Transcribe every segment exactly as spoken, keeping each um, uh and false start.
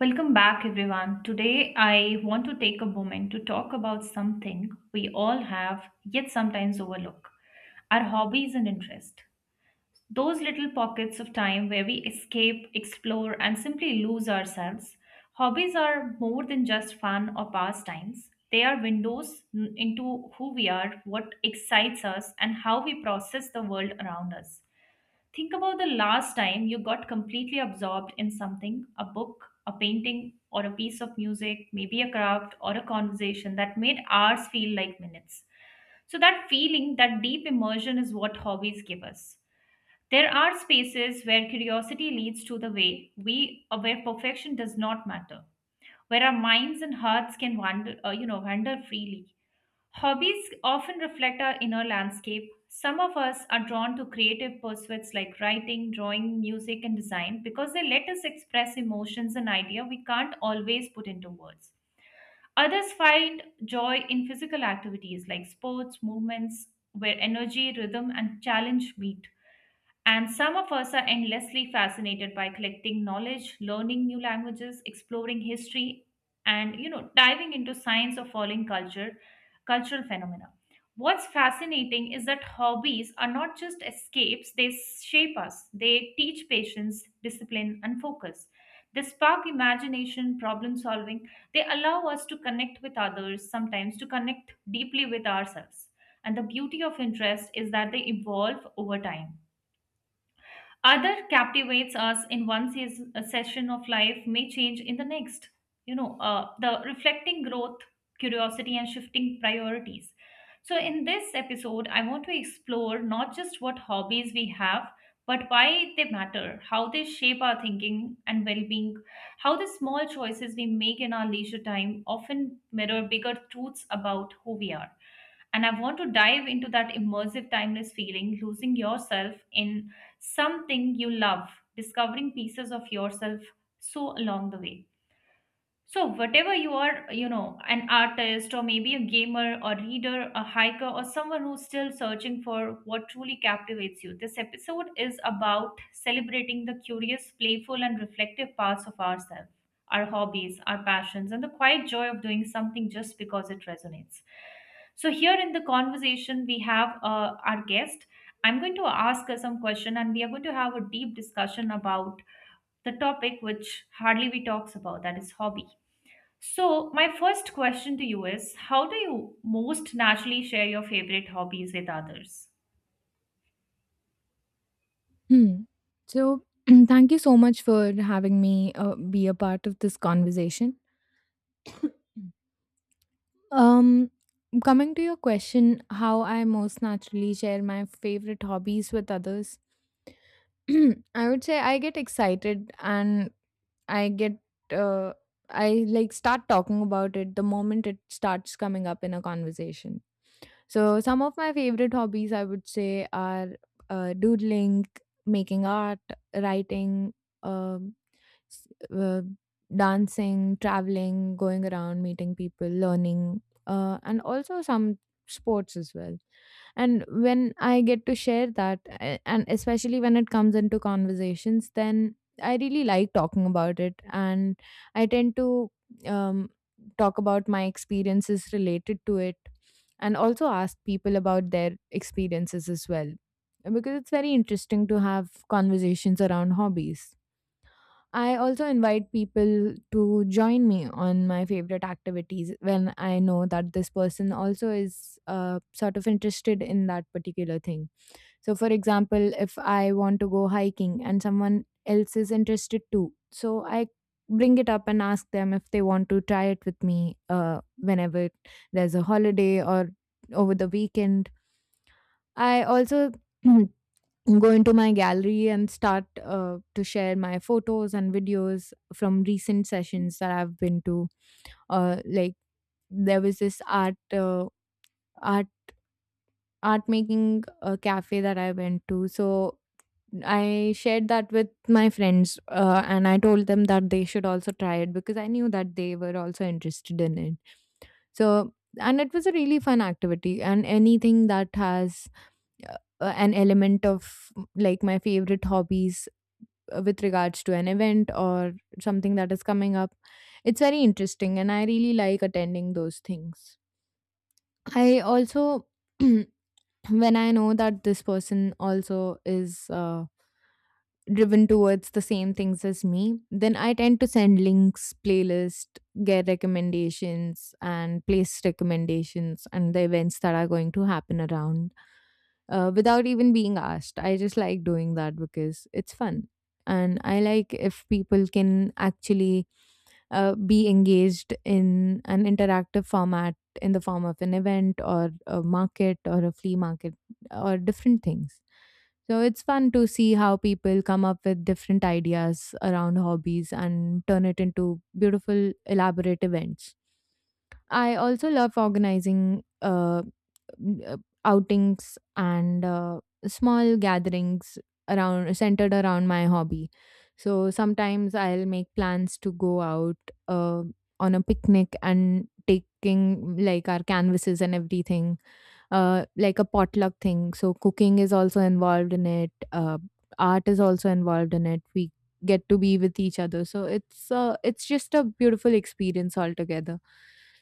Welcome back, everyone. Today, I want to take a moment to talk about something we all have yet sometimes overlook, our hobbies and interests. Those little pockets of time where we escape, explore, and simply lose ourselves. Hobbies are more than just fun or pastimes, they are windows into who we are, what excites us, and how we process the world around us. Think about the last time you got completely absorbed in something, a book, a painting, or a piece of music, maybe a craft or a conversation that made hours feel like minutes. So, that feeling, that deep immersion is what hobbies give us. There are spaces where curiosity leads to the way we, uh, where perfection does not matter, where our minds and hearts can wander, uh, you know, wander freely. Hobbies often reflect our inner landscape. Some of us are drawn to creative pursuits like writing, drawing, music, and design because they let us express emotions and ideas we can't always put into words. Others find joy in physical activities like sports, movements, where energy, rhythm, and challenge meet. And some of us are endlessly fascinated by collecting knowledge, learning new languages, exploring history, and you know, diving into science or following culture, cultural phenomena. What's fascinating is that hobbies are not just escapes, they shape us. They teach patience, discipline, and focus. They spark imagination, problem solving. They allow us to connect with others, sometimes to connect deeply with ourselves. And the beauty of interest is that they evolve over time. Other captivates us in one season, a session of life may change in the next, you know uh, the reflecting growth, curiosity and shifting priorities. So in this episode I want to explore not just what hobbies we have, but why they matter, how they shape our thinking and well-being, how the small choices we make in our leisure time often mirror bigger truths about who we are. And I want to dive into that immersive, timeless feeling, losing yourself in something you love, discovering pieces of yourself so along the way. So, whatever you are, you know, an artist or maybe a gamer or reader, a hiker, or someone who's still searching for what truly captivates you, this episode is about celebrating the curious, playful, and reflective parts of ourselves, our hobbies, our passions, and the quiet joy of doing something just because it resonates. So, here in the conversation, we have uh, our guest. I'm going to ask her some question, and we are going to have a deep discussion about the topic which hardly we talks about, that is hobby. So, my first question to you is, how do you most naturally share your favorite hobbies with others? Hmm. So, thank you so much for having me uh, be a part of this conversation. Mm. Um, Coming to your question, how I most naturally share my favorite hobbies with others, I would say I get excited and I get uh, I like start talking about it the moment it starts coming up in a conversation. So some of my favorite hobbies I would say are uh, doodling, making art, writing, um, s- uh, dancing, traveling, going around, meeting people, learning, uh, and also some sports as well. And when I get to share that, a- and especially when it comes into conversations, then I really like talking about it. And I tend to um, talk about my experiences related to it and also ask people about their experiences as well because it's very interesting to have conversations around hobbies. I also invite people to join me on my favorite activities when I know that this person also is uh, sort of interested in that particular thing. So, for example, if I want to go hiking and someone else is interested too, so I bring it up and ask them if they want to try it with me uh, whenever there's a holiday or over the weekend. I also go into my gallery and start uh, to share my photos and videos from recent sessions that I've been to. Uh, like there was this art uh, art art making uh, cafe that I went to. So I shared that with my friends, uh, and I told them that they should also try it because I knew that they were also interested in it. So, and it was a really fun activity, and anything that has uh, an element of like my favorite hobbies uh, with regards to an event or something that is coming up, it's very interesting, and I really like attending those things. I also, when I know that this person also is. Uh, driven towards the same things as me, then I tend to send links, playlist, get recommendations, and place recommendations and the events that are going to happen around uh, without even being asked. I just like doing that because it's fun. And I like if people can actually uh, be engaged in an interactive format in the form of an event or a market or a flea market or different things. So it's fun to see how people come up with different ideas around hobbies and turn it into beautiful, elaborate events. I also love organizing. Uh, mm, uh, Outings and uh, small gatherings around centered around my hobby. So sometimes I'll make plans to go out uh, on a picnic and taking like our canvases and everything, uh, like a potluck thing. So cooking is also involved in it. Uh, art is also involved in it. We get to be with each other. So it's uh, it's just a beautiful experience altogether.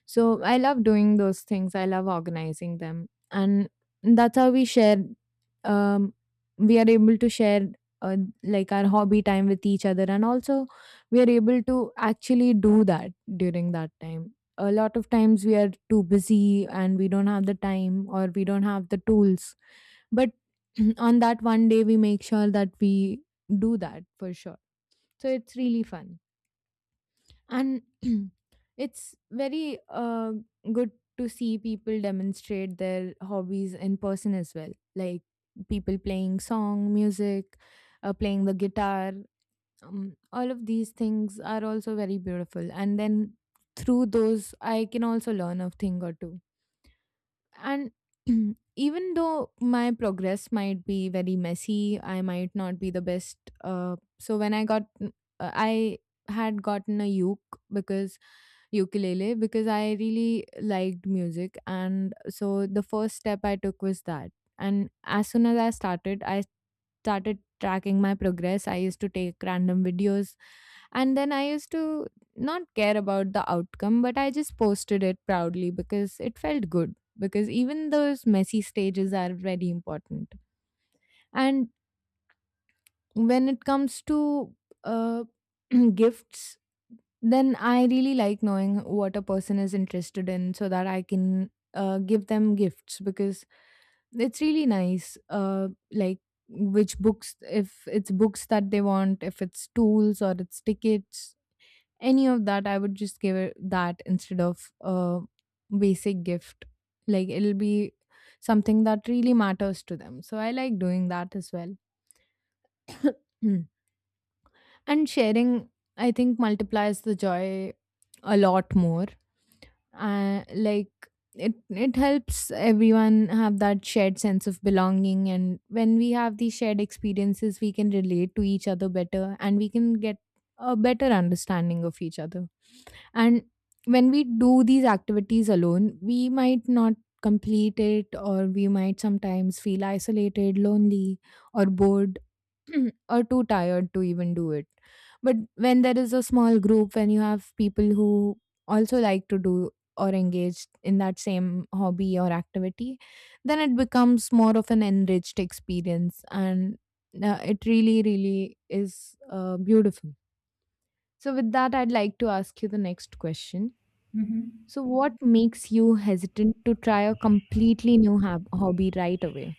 So I love doing those things. I love organizing them, and that's how we share. Um, we are able to share uh, like our hobby time with each other, and also we are able to actually do that during that time. A lot of times we are too busy and we don't have the time or we don't have the tools. But on that one day, we make sure that we do that for sure. So it's really fun. And it's very uh, good to see people demonstrate their hobbies in person as well. Like people playing song, music, uh, playing the guitar, um, all of these things are also very beautiful, and then through those I can also learn a thing or two. And even though my progress might be very messy, I might not be the best. Uh, so when I got uh, I had gotten a uke because ukulele because I really liked music, and so the first step I took was that. And as soon as I started, I started tracking my progress. I used to take random videos and then I used to not care about the outcome, but I just posted it proudly because it felt good. Because even those messy stages are very important. And when it comes to uh, gifts, then I really like knowing what a person is interested in so that I can uh, give them gifts because it's really nice. Uh, like which books, if it's books that they want, if it's tools or it's tickets, any of that I would just give it that instead of a basic gift. Like it'll be something that really matters to them, so I like doing that as well. Mm. And sharing, I think, multiplies the joy a lot more. Uh, like it it helps everyone have that shared sense of belonging, and when we have these shared experiences we can relate to each other better and we can get a better understanding of each other. And when we do these activities alone, we might not complete it, or we might sometimes feel isolated, lonely, or bored, or too tired to even do it. But when there is a small group, when you have people who also like to do or engage in that same hobby or activity, then it becomes more of an enriched experience. And uh, it really, really is uh, beautiful. So, with that, I'd like to ask you the next question: Mhm. so, what makes you hesitant to try a completely new hab- hobby right away?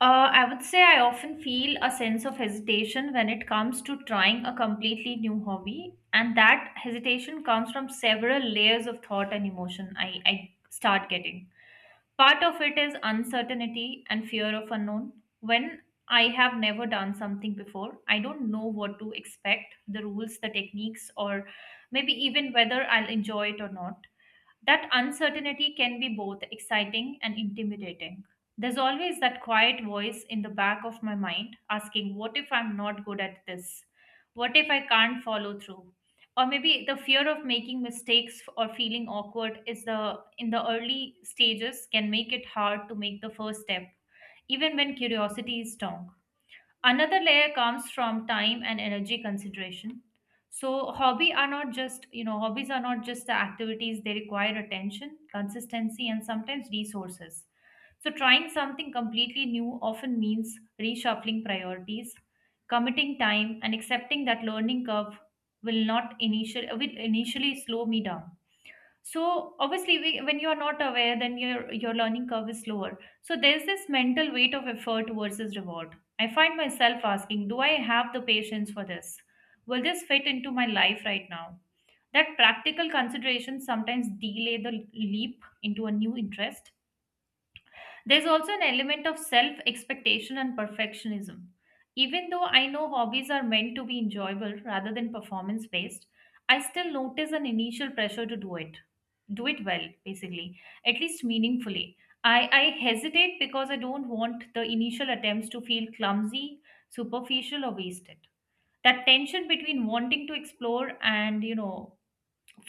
Uh, I would say I often feel a sense of hesitation when it comes to trying a completely new hobby, and that hesitation comes from several layers of thought and emotion I, I start getting. Part of it is uncertainty and fear of unknown. When I have never done something before, I don't know what to expect, the rules, the techniques, or maybe even whether I'll enjoy it or not. That uncertainty can be both exciting and intimidating. There's always that quiet voice in the back of my mind asking, what if I'm not good at this? What if I can't follow through? Or maybe the fear of making mistakes or feeling awkward is the in the early stages can make it hard to make the first step, even when curiosity is strong. Another layer comes from time and energy consideration. So hobby are not just, you know, hobbies are not just the activities, they require attention, consistency, and sometimes resources. So trying something completely new often means reshuffling priorities, committing time, and accepting that learning curve will not initial will initially slow me down. So obviously we, when you are not aware then your your learning curve is slower. So there's this mental weight of effort versus reward. I find myself asking, do I have the patience for this? Will this fit into my life right now? That practical consideration sometimes delay the leap into a new interest. There's also an element of self expectation and perfectionism. Even though I know hobbies are meant to be enjoyable rather than performance based, I still notice an initial pressure to do it. Do it well, basically, at least meaningfully. I, I hesitate because I don't want the initial attempts to feel clumsy, superficial, or wasted. That tension between wanting to explore and, you know,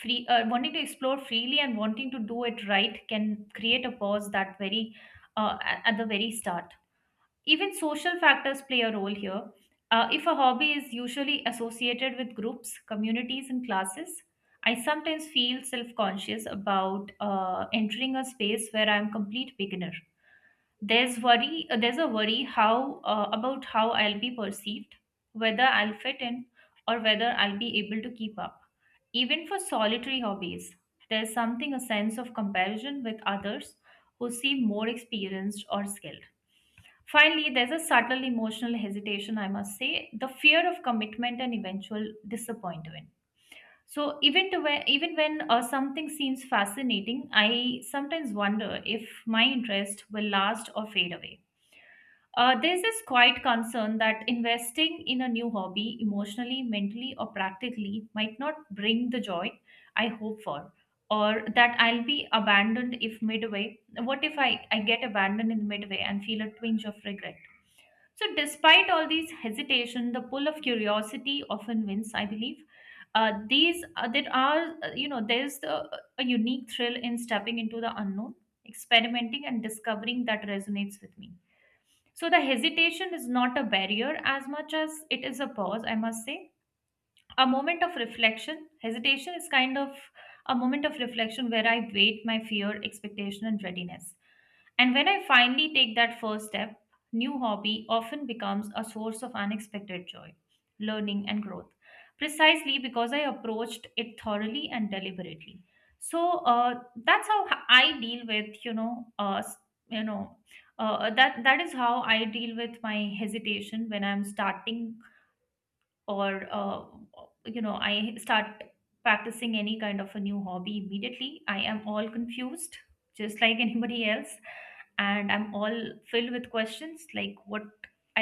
free uh, wanting to explore freely and wanting to do it right can create a pause that very uh, a- at the very start. Even social factors play a role here. Uh, if a hobby is usually associated with groups, communities and classes, I sometimes feel self-conscious about uh, entering a space where I'm complete beginner. There's worry uh, there's a worry how uh, about how I'll be perceived, whether I'll fit in, or whether I'll be able to keep up. Even for solitary hobbies, there's something a sense of comparison with others who seem more experienced or skilled. Finally, there's a subtle emotional hesitation, I must say, the fear of commitment and eventual disappointment. So even to where, even when uh, something seems fascinating, I sometimes wonder if my interest will last or fade away. Uh, there's this quiet concern that investing in a new hobby, emotionally, mentally, or practically, might not bring the joy I hope for, or that I'll be abandoned if midway. What if I, I get abandoned in midway and feel a twinge of regret? So, despite all these hesitation, the pull of curiosity often wins, I believe. Uh, these uh, there are uh, you know there's the, A unique thrill in stepping into the unknown, experimenting, and discovering that resonates with me. So the hesitation is not a barrier as much as it is a pause, I must say, a moment of reflection. Hesitation is kind of a moment of reflection where I weigh my fear, expectation and readiness. And when I finally take that first step, new hobby often becomes a source of unexpected joy, learning and growth, precisely because I approached it thoroughly and deliberately. So uh, that's how h- I deal with, you know uh, s- you know uh, that that is how I deal with my hesitation when I'm starting. Or uh, you know I start practicing any kind of a new hobby, immediately I am all confused, just like anybody else. And I'm all filled with questions like what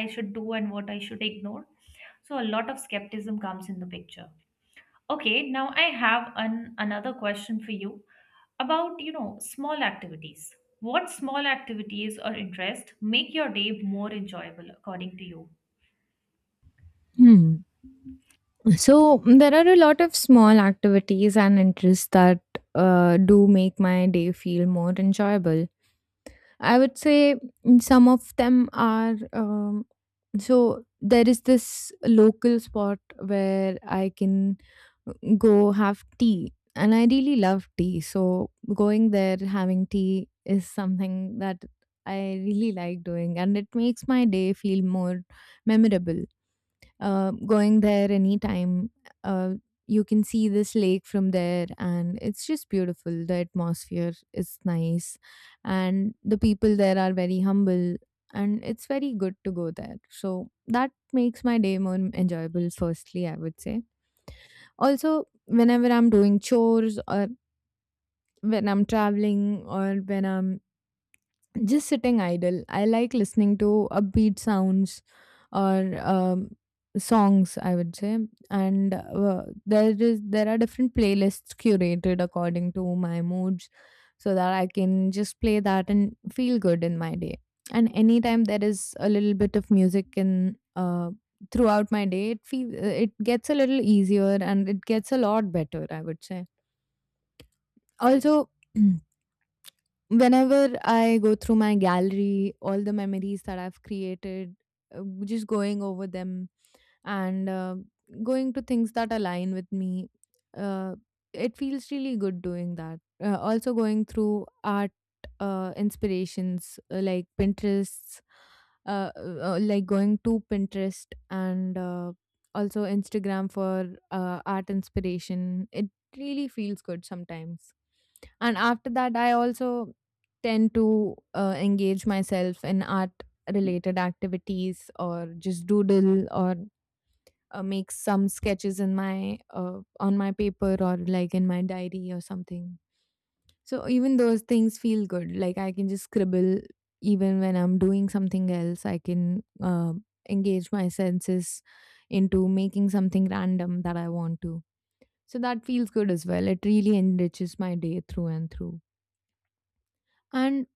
I should do and what I should ignore. So a lot of skepticism comes in the picture. Okay, now I have an another question for you about, you know small activities. What small activities or interest make your day more enjoyable according to you? Hmm. So mm, there are a lot of small activities and interests that uh, do make my day feel more enjoyable. I would say mm, some of them are um, so there is this local spot where I can go have tea, and I really love tea. So going there, having tea is something that I really like doing, and it makes my day feel more memorable. Uh, going there anytime, uh, you can see this lake from there and it's just beautiful. The atmosphere is nice and the people there are very humble, and it's very good to go there, so that makes my day more enjoyable, firstly, I would say. Also, whenever I'm doing chores or when I'm traveling or when I'm just sitting idle, I like listening to upbeat sounds or um, songs, I would say. And uh, there is there are different playlists curated according to my moods, so that I can just play that and feel good in my day. And anytime there is a little bit of music in uh, throughout my day, it feel, it gets a little easier and it gets a lot better, I would say. Also. Whenever I go through my gallery, all the memories that I've created, uh, just going over them and uh, going to things that align with me. Uh, it feels really good doing that. Uh, also, going through art uh, inspirations, uh, like Pinterest, uh, uh, like going to Pinterest and uh, also Instagram for uh, art inspiration. It really feels good sometimes. And after that, I also tend to uh, engage myself in art related activities or just doodle or uh, make some sketches in my uh, on my paper or like in my diary or something. So even those things feel good. Like I can just scribble, even when I'm doing something else I can uh, engage my senses into making something random that I want to. So that feels good as well. It really enriches my day through and through. And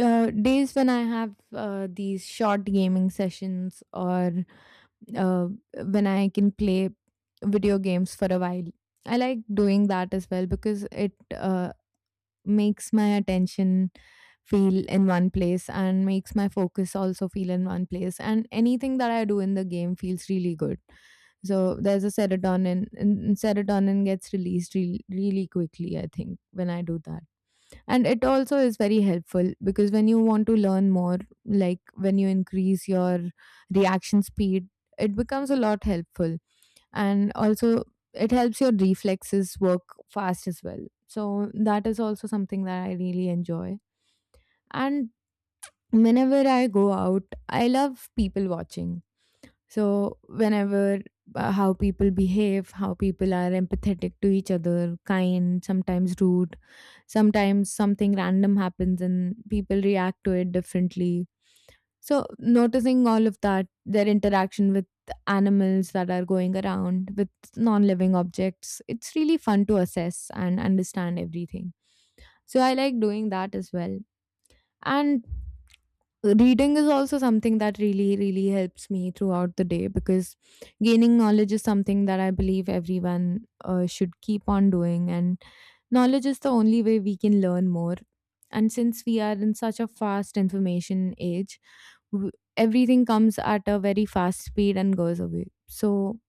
uh, days when I have uh, these short gaming sessions or uh, when I can play video games for a while. I like doing that as well because it uh, makes my attention feel in one place and makes my focus also feel in one place. And anything that I do in the game feels really good. So there's a serotonin, and serotonin gets released re- really quickly, I think, when I do that. And it also is very helpful because when you want to learn more, like when you increase your reaction speed, it becomes a lot helpful. And also it helps your reflexes work fast as well, so that is also something that I really enjoy. And whenever I go out, I love people watching. So, whenever, uh, how people behave, how people are empathetic to each other, kind, sometimes rude, sometimes something random happens and people react to it differently. So, noticing all of that, their interaction with animals that are going around, with non living objects, it's really fun to assess and understand everything. So, I like doing that as well. And reading is also something that really really helps me throughout the day because gaining knowledge is something that I believe everyone uh, should keep on doing. And knowledge is the only way we can learn more. And since we are in such a fast information age, w- everything comes at a very fast speed and goes away. So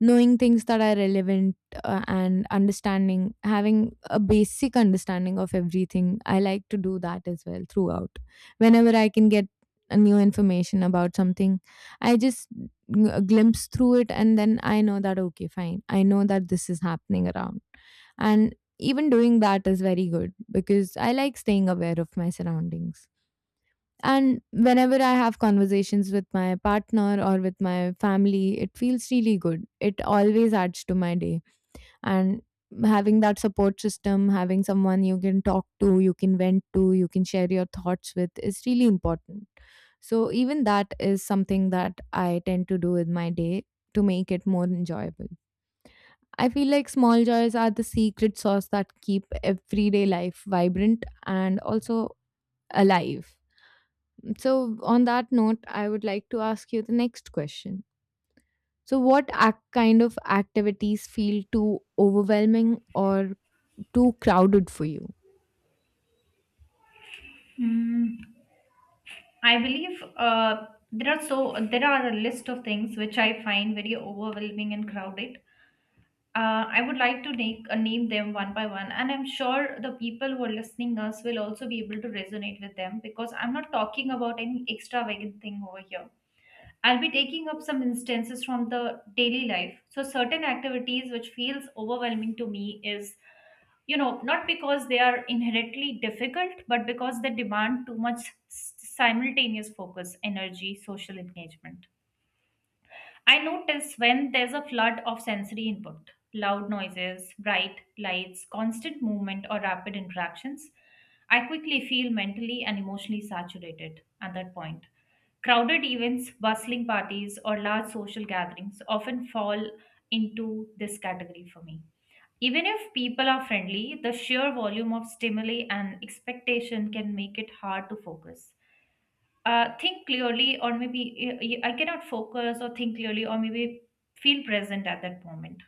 knowing things that are relevant, uh, and understanding, having a basic understanding of everything, I like to do that as well. Throughout, whenever I can get a new information about something, I just g- uh, glimpse through it, and then I know that okay, fine, I know that this is happening around. And even doing that is very good because I like staying aware of my surroundings. And whenever I have conversations with my partner or with my family, it feels really good. It always adds to my day. And having that support system, having someone you can talk to, you can vent to, you can share your thoughts with, is really important. So, even that is something that I tend to do with my day to make it more enjoyable. I feel like small joys are the secret sauce that keep everyday life vibrant and also alive. So, on that note, I would like to ask you the next question. So, what ac- kind of activities feel too overwhelming or too crowded for you? Hmm. I believe uh, there are so there are a list of things which I find very overwhelming and crowded. Uh, I would like to make, uh, name them one by one, and I'm sure the people who are listening us will also be able to resonate with them because I'm not talking about any extravagant thing over here. I'll be taking up some instances from the daily life. So certain activities which feels overwhelming to me is, you know, not because they are inherently difficult but because they demand too much s- simultaneous focus, energy, social engagement. I notice when there's a flood of sensory input, loud noises, bright lights, constant movement or rapid interactions, I quickly feel mentally and emotionally saturated. At that point, crowded events, bustling parties or large social gatherings often fall into this category for me. Even if people are friendly, the sheer volume of stimuli and expectation can make it hard to focus. Uh, think clearly, or maybe uh, I cannot focus or think clearly, or maybe feel present at that moment.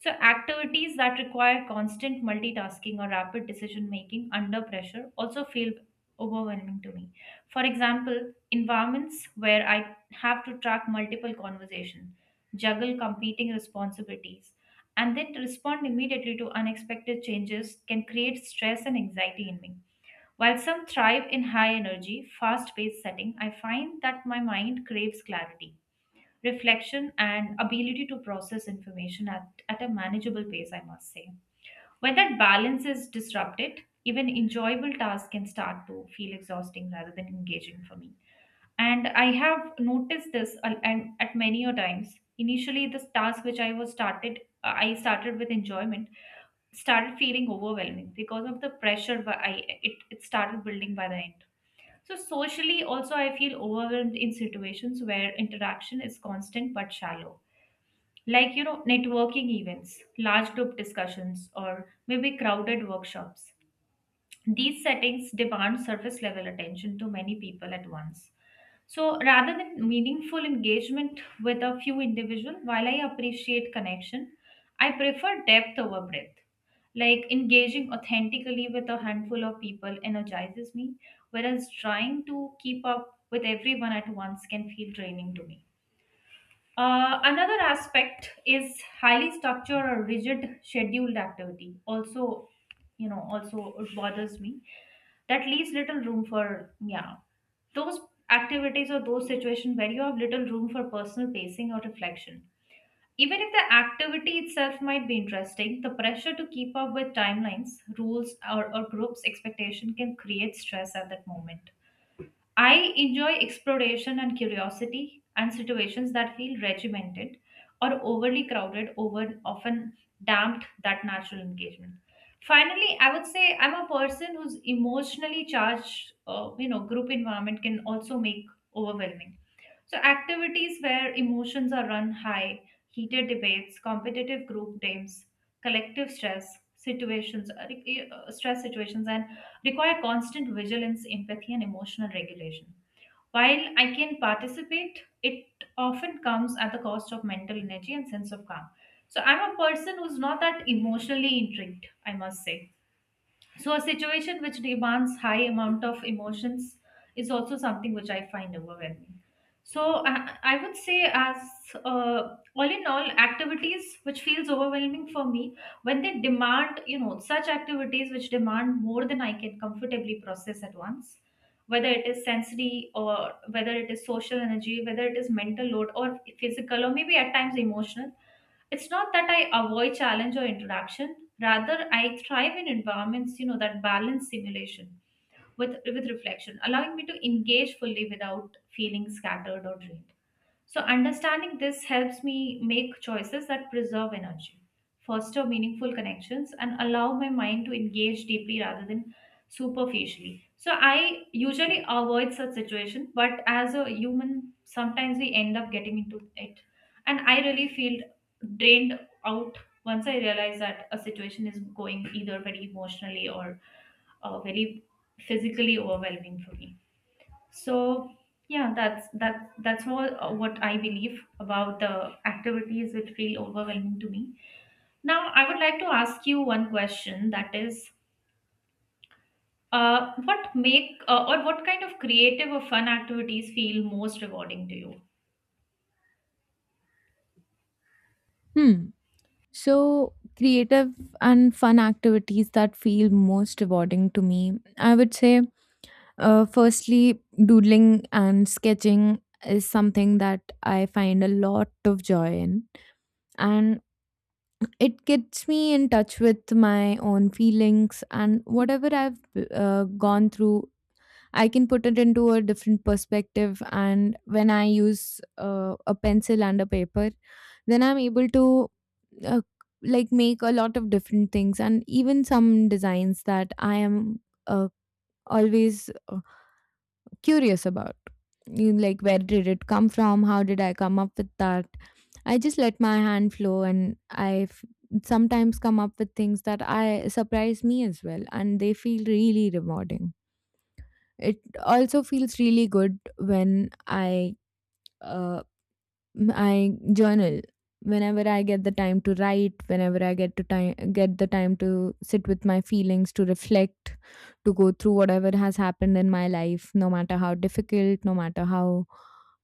So, activities that require constant multitasking or rapid decision making under pressure also feel overwhelming to me. For example, environments where I have to track multiple conversations, juggle competing responsibilities, and then to respond immediately to unexpected changes can create stress and anxiety in me. While some thrive in high energy, fast paced setting, I find that my mind craves clarity, reflection and ability to process information at, at a manageable pace, I must say. When that balance is disrupted, even enjoyable tasks can start to feel exhausting rather than engaging for me. And I have noticed this uh, and at many a times. Initially, this task which I was started, uh, I started with enjoyment, started feeling overwhelming because of the pressure wh- I it, it started building by the end. So, socially, also, I feel overwhelmed in situations where interaction is constant but shallow. Like, you know, networking events, large group discussions, or maybe crowded workshops. These settings demand surface level attention to many people at once. So rather than meaningful engagement with a few individuals, while I appreciate connection, I prefer depth over breadth. Like engaging authentically with a handful of people energizes me, whereas trying to keep up with everyone at once can feel draining to me. Uh, another aspect is highly structured or rigid scheduled activity. Also, you know, also it bothers me that leaves little room for yeah those activities or those situations where you have little room for personal pacing or reflection. Even if the activity itself might be interesting, the pressure to keep up with timelines, rules, or, or groups' expectation can create stress at that moment. I enjoy exploration and curiosity and situations that feel regimented or overly crowded over often damped that natural engagement. Finally, I would say I'm a person who's emotionally charged, uh, you know, group environment can also make overwhelming. So activities where emotions are run high, heated debates, competitive group games, collective stress situations, uh, re- uh, stress situations and require constant vigilance, empathy and emotional regulation. While I can participate, it often comes at the cost of mental energy and sense of calm. So I'm a person who's not that emotionally intrigued, I must say. So a situation which demands high amount of emotions is also something which I find overwhelming. So I, I would say as uh, all in all activities which feels overwhelming for me when they demand you know such activities which demand more than I can comfortably process at once, whether it is sensory or whether it is social energy, whether it is mental load or physical or maybe at times emotional. It's not that I avoid challenge or introduction. Rather, I thrive in environments, you know, that balance simulation with with reflection, allowing me to engage fully without feeling scattered or drained. So, understanding this helps me make choices that preserve energy, foster meaningful connections, and allow my mind to engage deeply rather than superficially. So, I usually avoid such situation, but as a human, sometimes we end up getting into it. And I really feel drained out once I realize that a situation is going either very emotionally or uh, very physically overwhelming for me. So yeah, that's that's that's all, uh, what I believe about the activities which feel overwhelming to me. Now I would like to ask you one question, that is, uh, what make uh, or what kind of creative or fun activities feel most rewarding to you? Hmm. So, creative and fun activities that feel most rewarding to me, I would say, uh, firstly, doodling and sketching is something that I find a lot of joy in. And it gets me in touch with my own feelings and whatever I've uh, gone through. I can put it into a different perspective. And when I use uh, a pencil and a paper, then I'm able to uh, like make a lot of different things and even some designs that I am uh, always uh, curious about. You Like, where did it come from? How did I come up with that? I just let my hand flow and I f- sometimes come up with things that I surprise me as well, and they feel really rewarding. It also feels really good when I uh, I journal whenever I get the time to write, whenever I get to time get the time to sit with my feelings, to reflect, to go through whatever has happened in my life, no matter how difficult, no matter how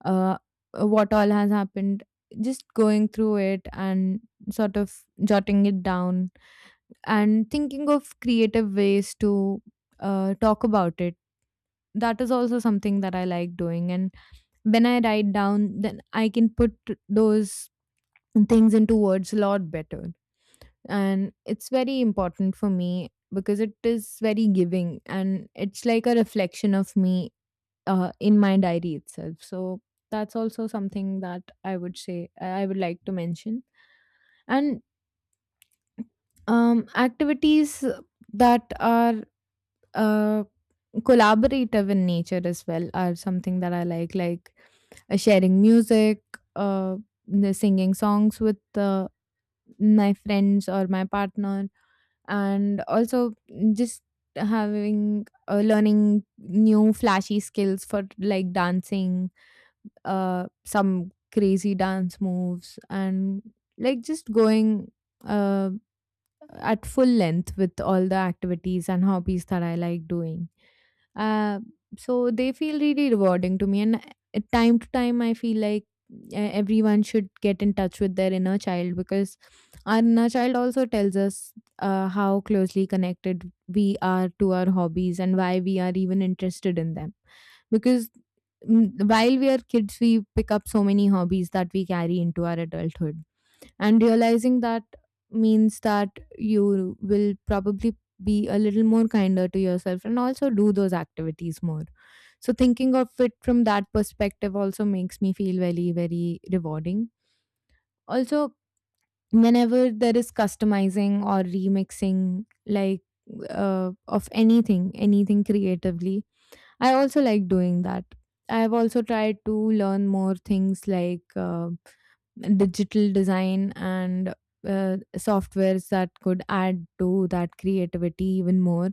uh, what all has happened. Just going through it and sort of jotting it down and thinking of creative ways to uh, talk about it, that is also something that I like doing. And when I write down, then I can put those things into words a lot better. And it's very important for me because it is very giving and it's like a reflection of me, uh, in my diary itself. So that's also something that I would say I would like to mention. And um, activities that are uh, collaborative in nature as well are something that I like, like uh, sharing music, uh, the singing songs with uh, my friends or my partner, and also just having uh, learning new flashy skills for like dancing, uh, some crazy dance moves, and like just going uh, at full length with all the activities and hobbies that I like doing. Uh, so they feel really rewarding to me, and uh, time to time, I feel like uh, everyone should get in touch with their inner child because our inner child also tells us uh, how closely connected we are to our hobbies and why we are even interested in them. Because mm, while we are kids, we pick up so many hobbies that we carry into our adulthood, and realizing that means that you will probably be a little more kinder to yourself and also do those activities more. So thinking of it from that perspective also makes me feel very very rewarding. Also, whenever there is customizing or remixing, like uh, of anything anything creatively, I also like doing that. I have also tried to learn more things like uh, digital design and uh, softwares that could add to that creativity even more.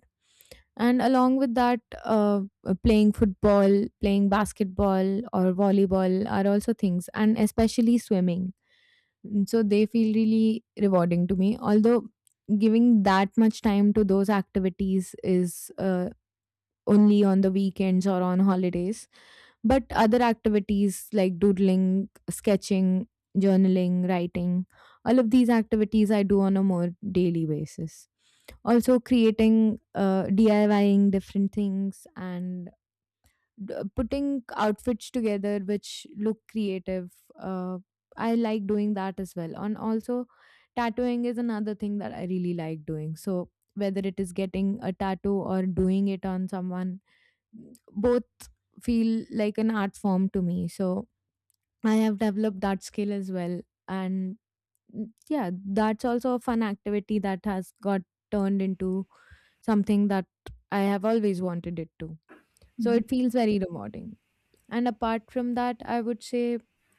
And along with that, uh, uh, playing football, playing basketball, or volleyball are also things, and especially swimming. Mm, so they feel really rewarding to me. Although giving that much time to those activities is uh, only on the weekends or on holidays. But other activities like doodling, sketching, journaling, writing, all of these activities I do on a more daily basis. Also, creating, uh, DIYing different things and d- putting outfits together which look creative. Uh, I like doing that as well. And also, tattooing is another thing that I really like doing. So, whether it is getting a tattoo or doing it on someone, both feel like an art form to me. So I have developed that skill as well. And mm, yeah, that's also a fun activity that has got turned into something that I have always wanted it to. So Mhm. it feels very rewarding. And apart from that, I would say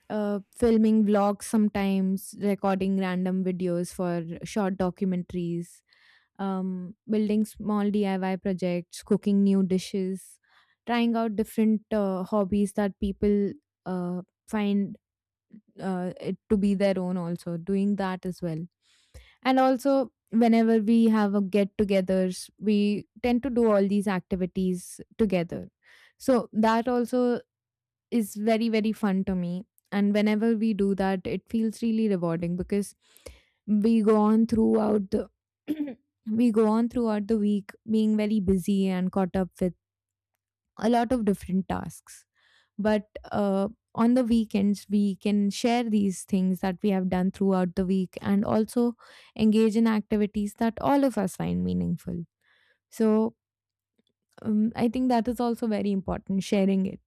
uh, filming vlogs sometimes, recording random videos for short documentaries, um, building small D I Y projects, cooking new dishes, trying out different uh, hobbies that people uh, find uh, it to be their own, also doing that as well. And also, whenever we have a get togethers, we tend to do all these activities together, so that also is very very fun to me. And whenever we do that, it feels really rewarding because we go on throughout the we go on throughout the week being very busy and caught up with a lot of different tasks. But uh, on the weekends we can share these things that we have done throughout the week and also engage in activities that all of us find meaningful. So um, I think that is also very important, sharing it.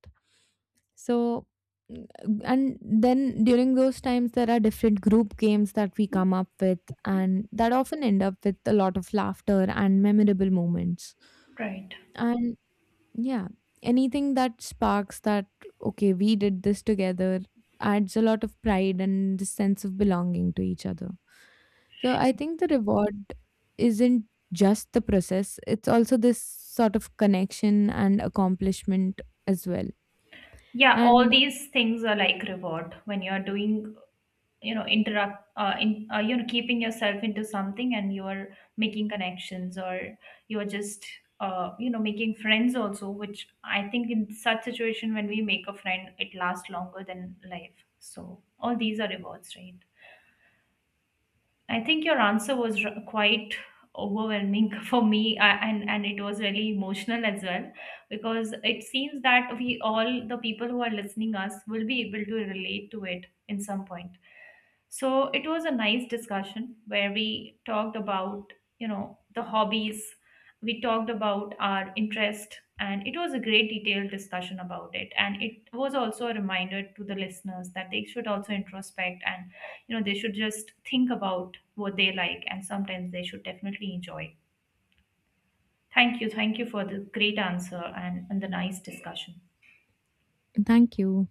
So, mm, and then during those times, there are different group games that we come up with, and that often end up with a lot of laughter and memorable moments. Right. And yeah, anything that sparks that, okay, we did this together, adds a lot of pride and the sense of belonging to each other. So, I think the reward isn't just the process, it's also this sort of connection and accomplishment as well. Yeah, all And these things are like reward when you're doing, you know, interact uh, in, uh, you know, keeping yourself into something and you are making connections, or you are just uh, you know, making friends also, which I think in such situation when we make a friend it lasts longer than life. So all these are rewards, right? I think your answer was r- quite overwhelming for me, I, and and it was really emotional as well, because it seems that we all the people who are listening us will be able to relate to it in some point. So it was a nice discussion where we talked about, you know, the hobbies, we talked about our interest, and it was a great detailed discussion about it, and it was also a reminder to the listeners that they should also introspect and, you know, they should just think about what they like and sometimes they should definitely enjoy. Thank you thank you for the great answer and, and the nice discussion. thank you.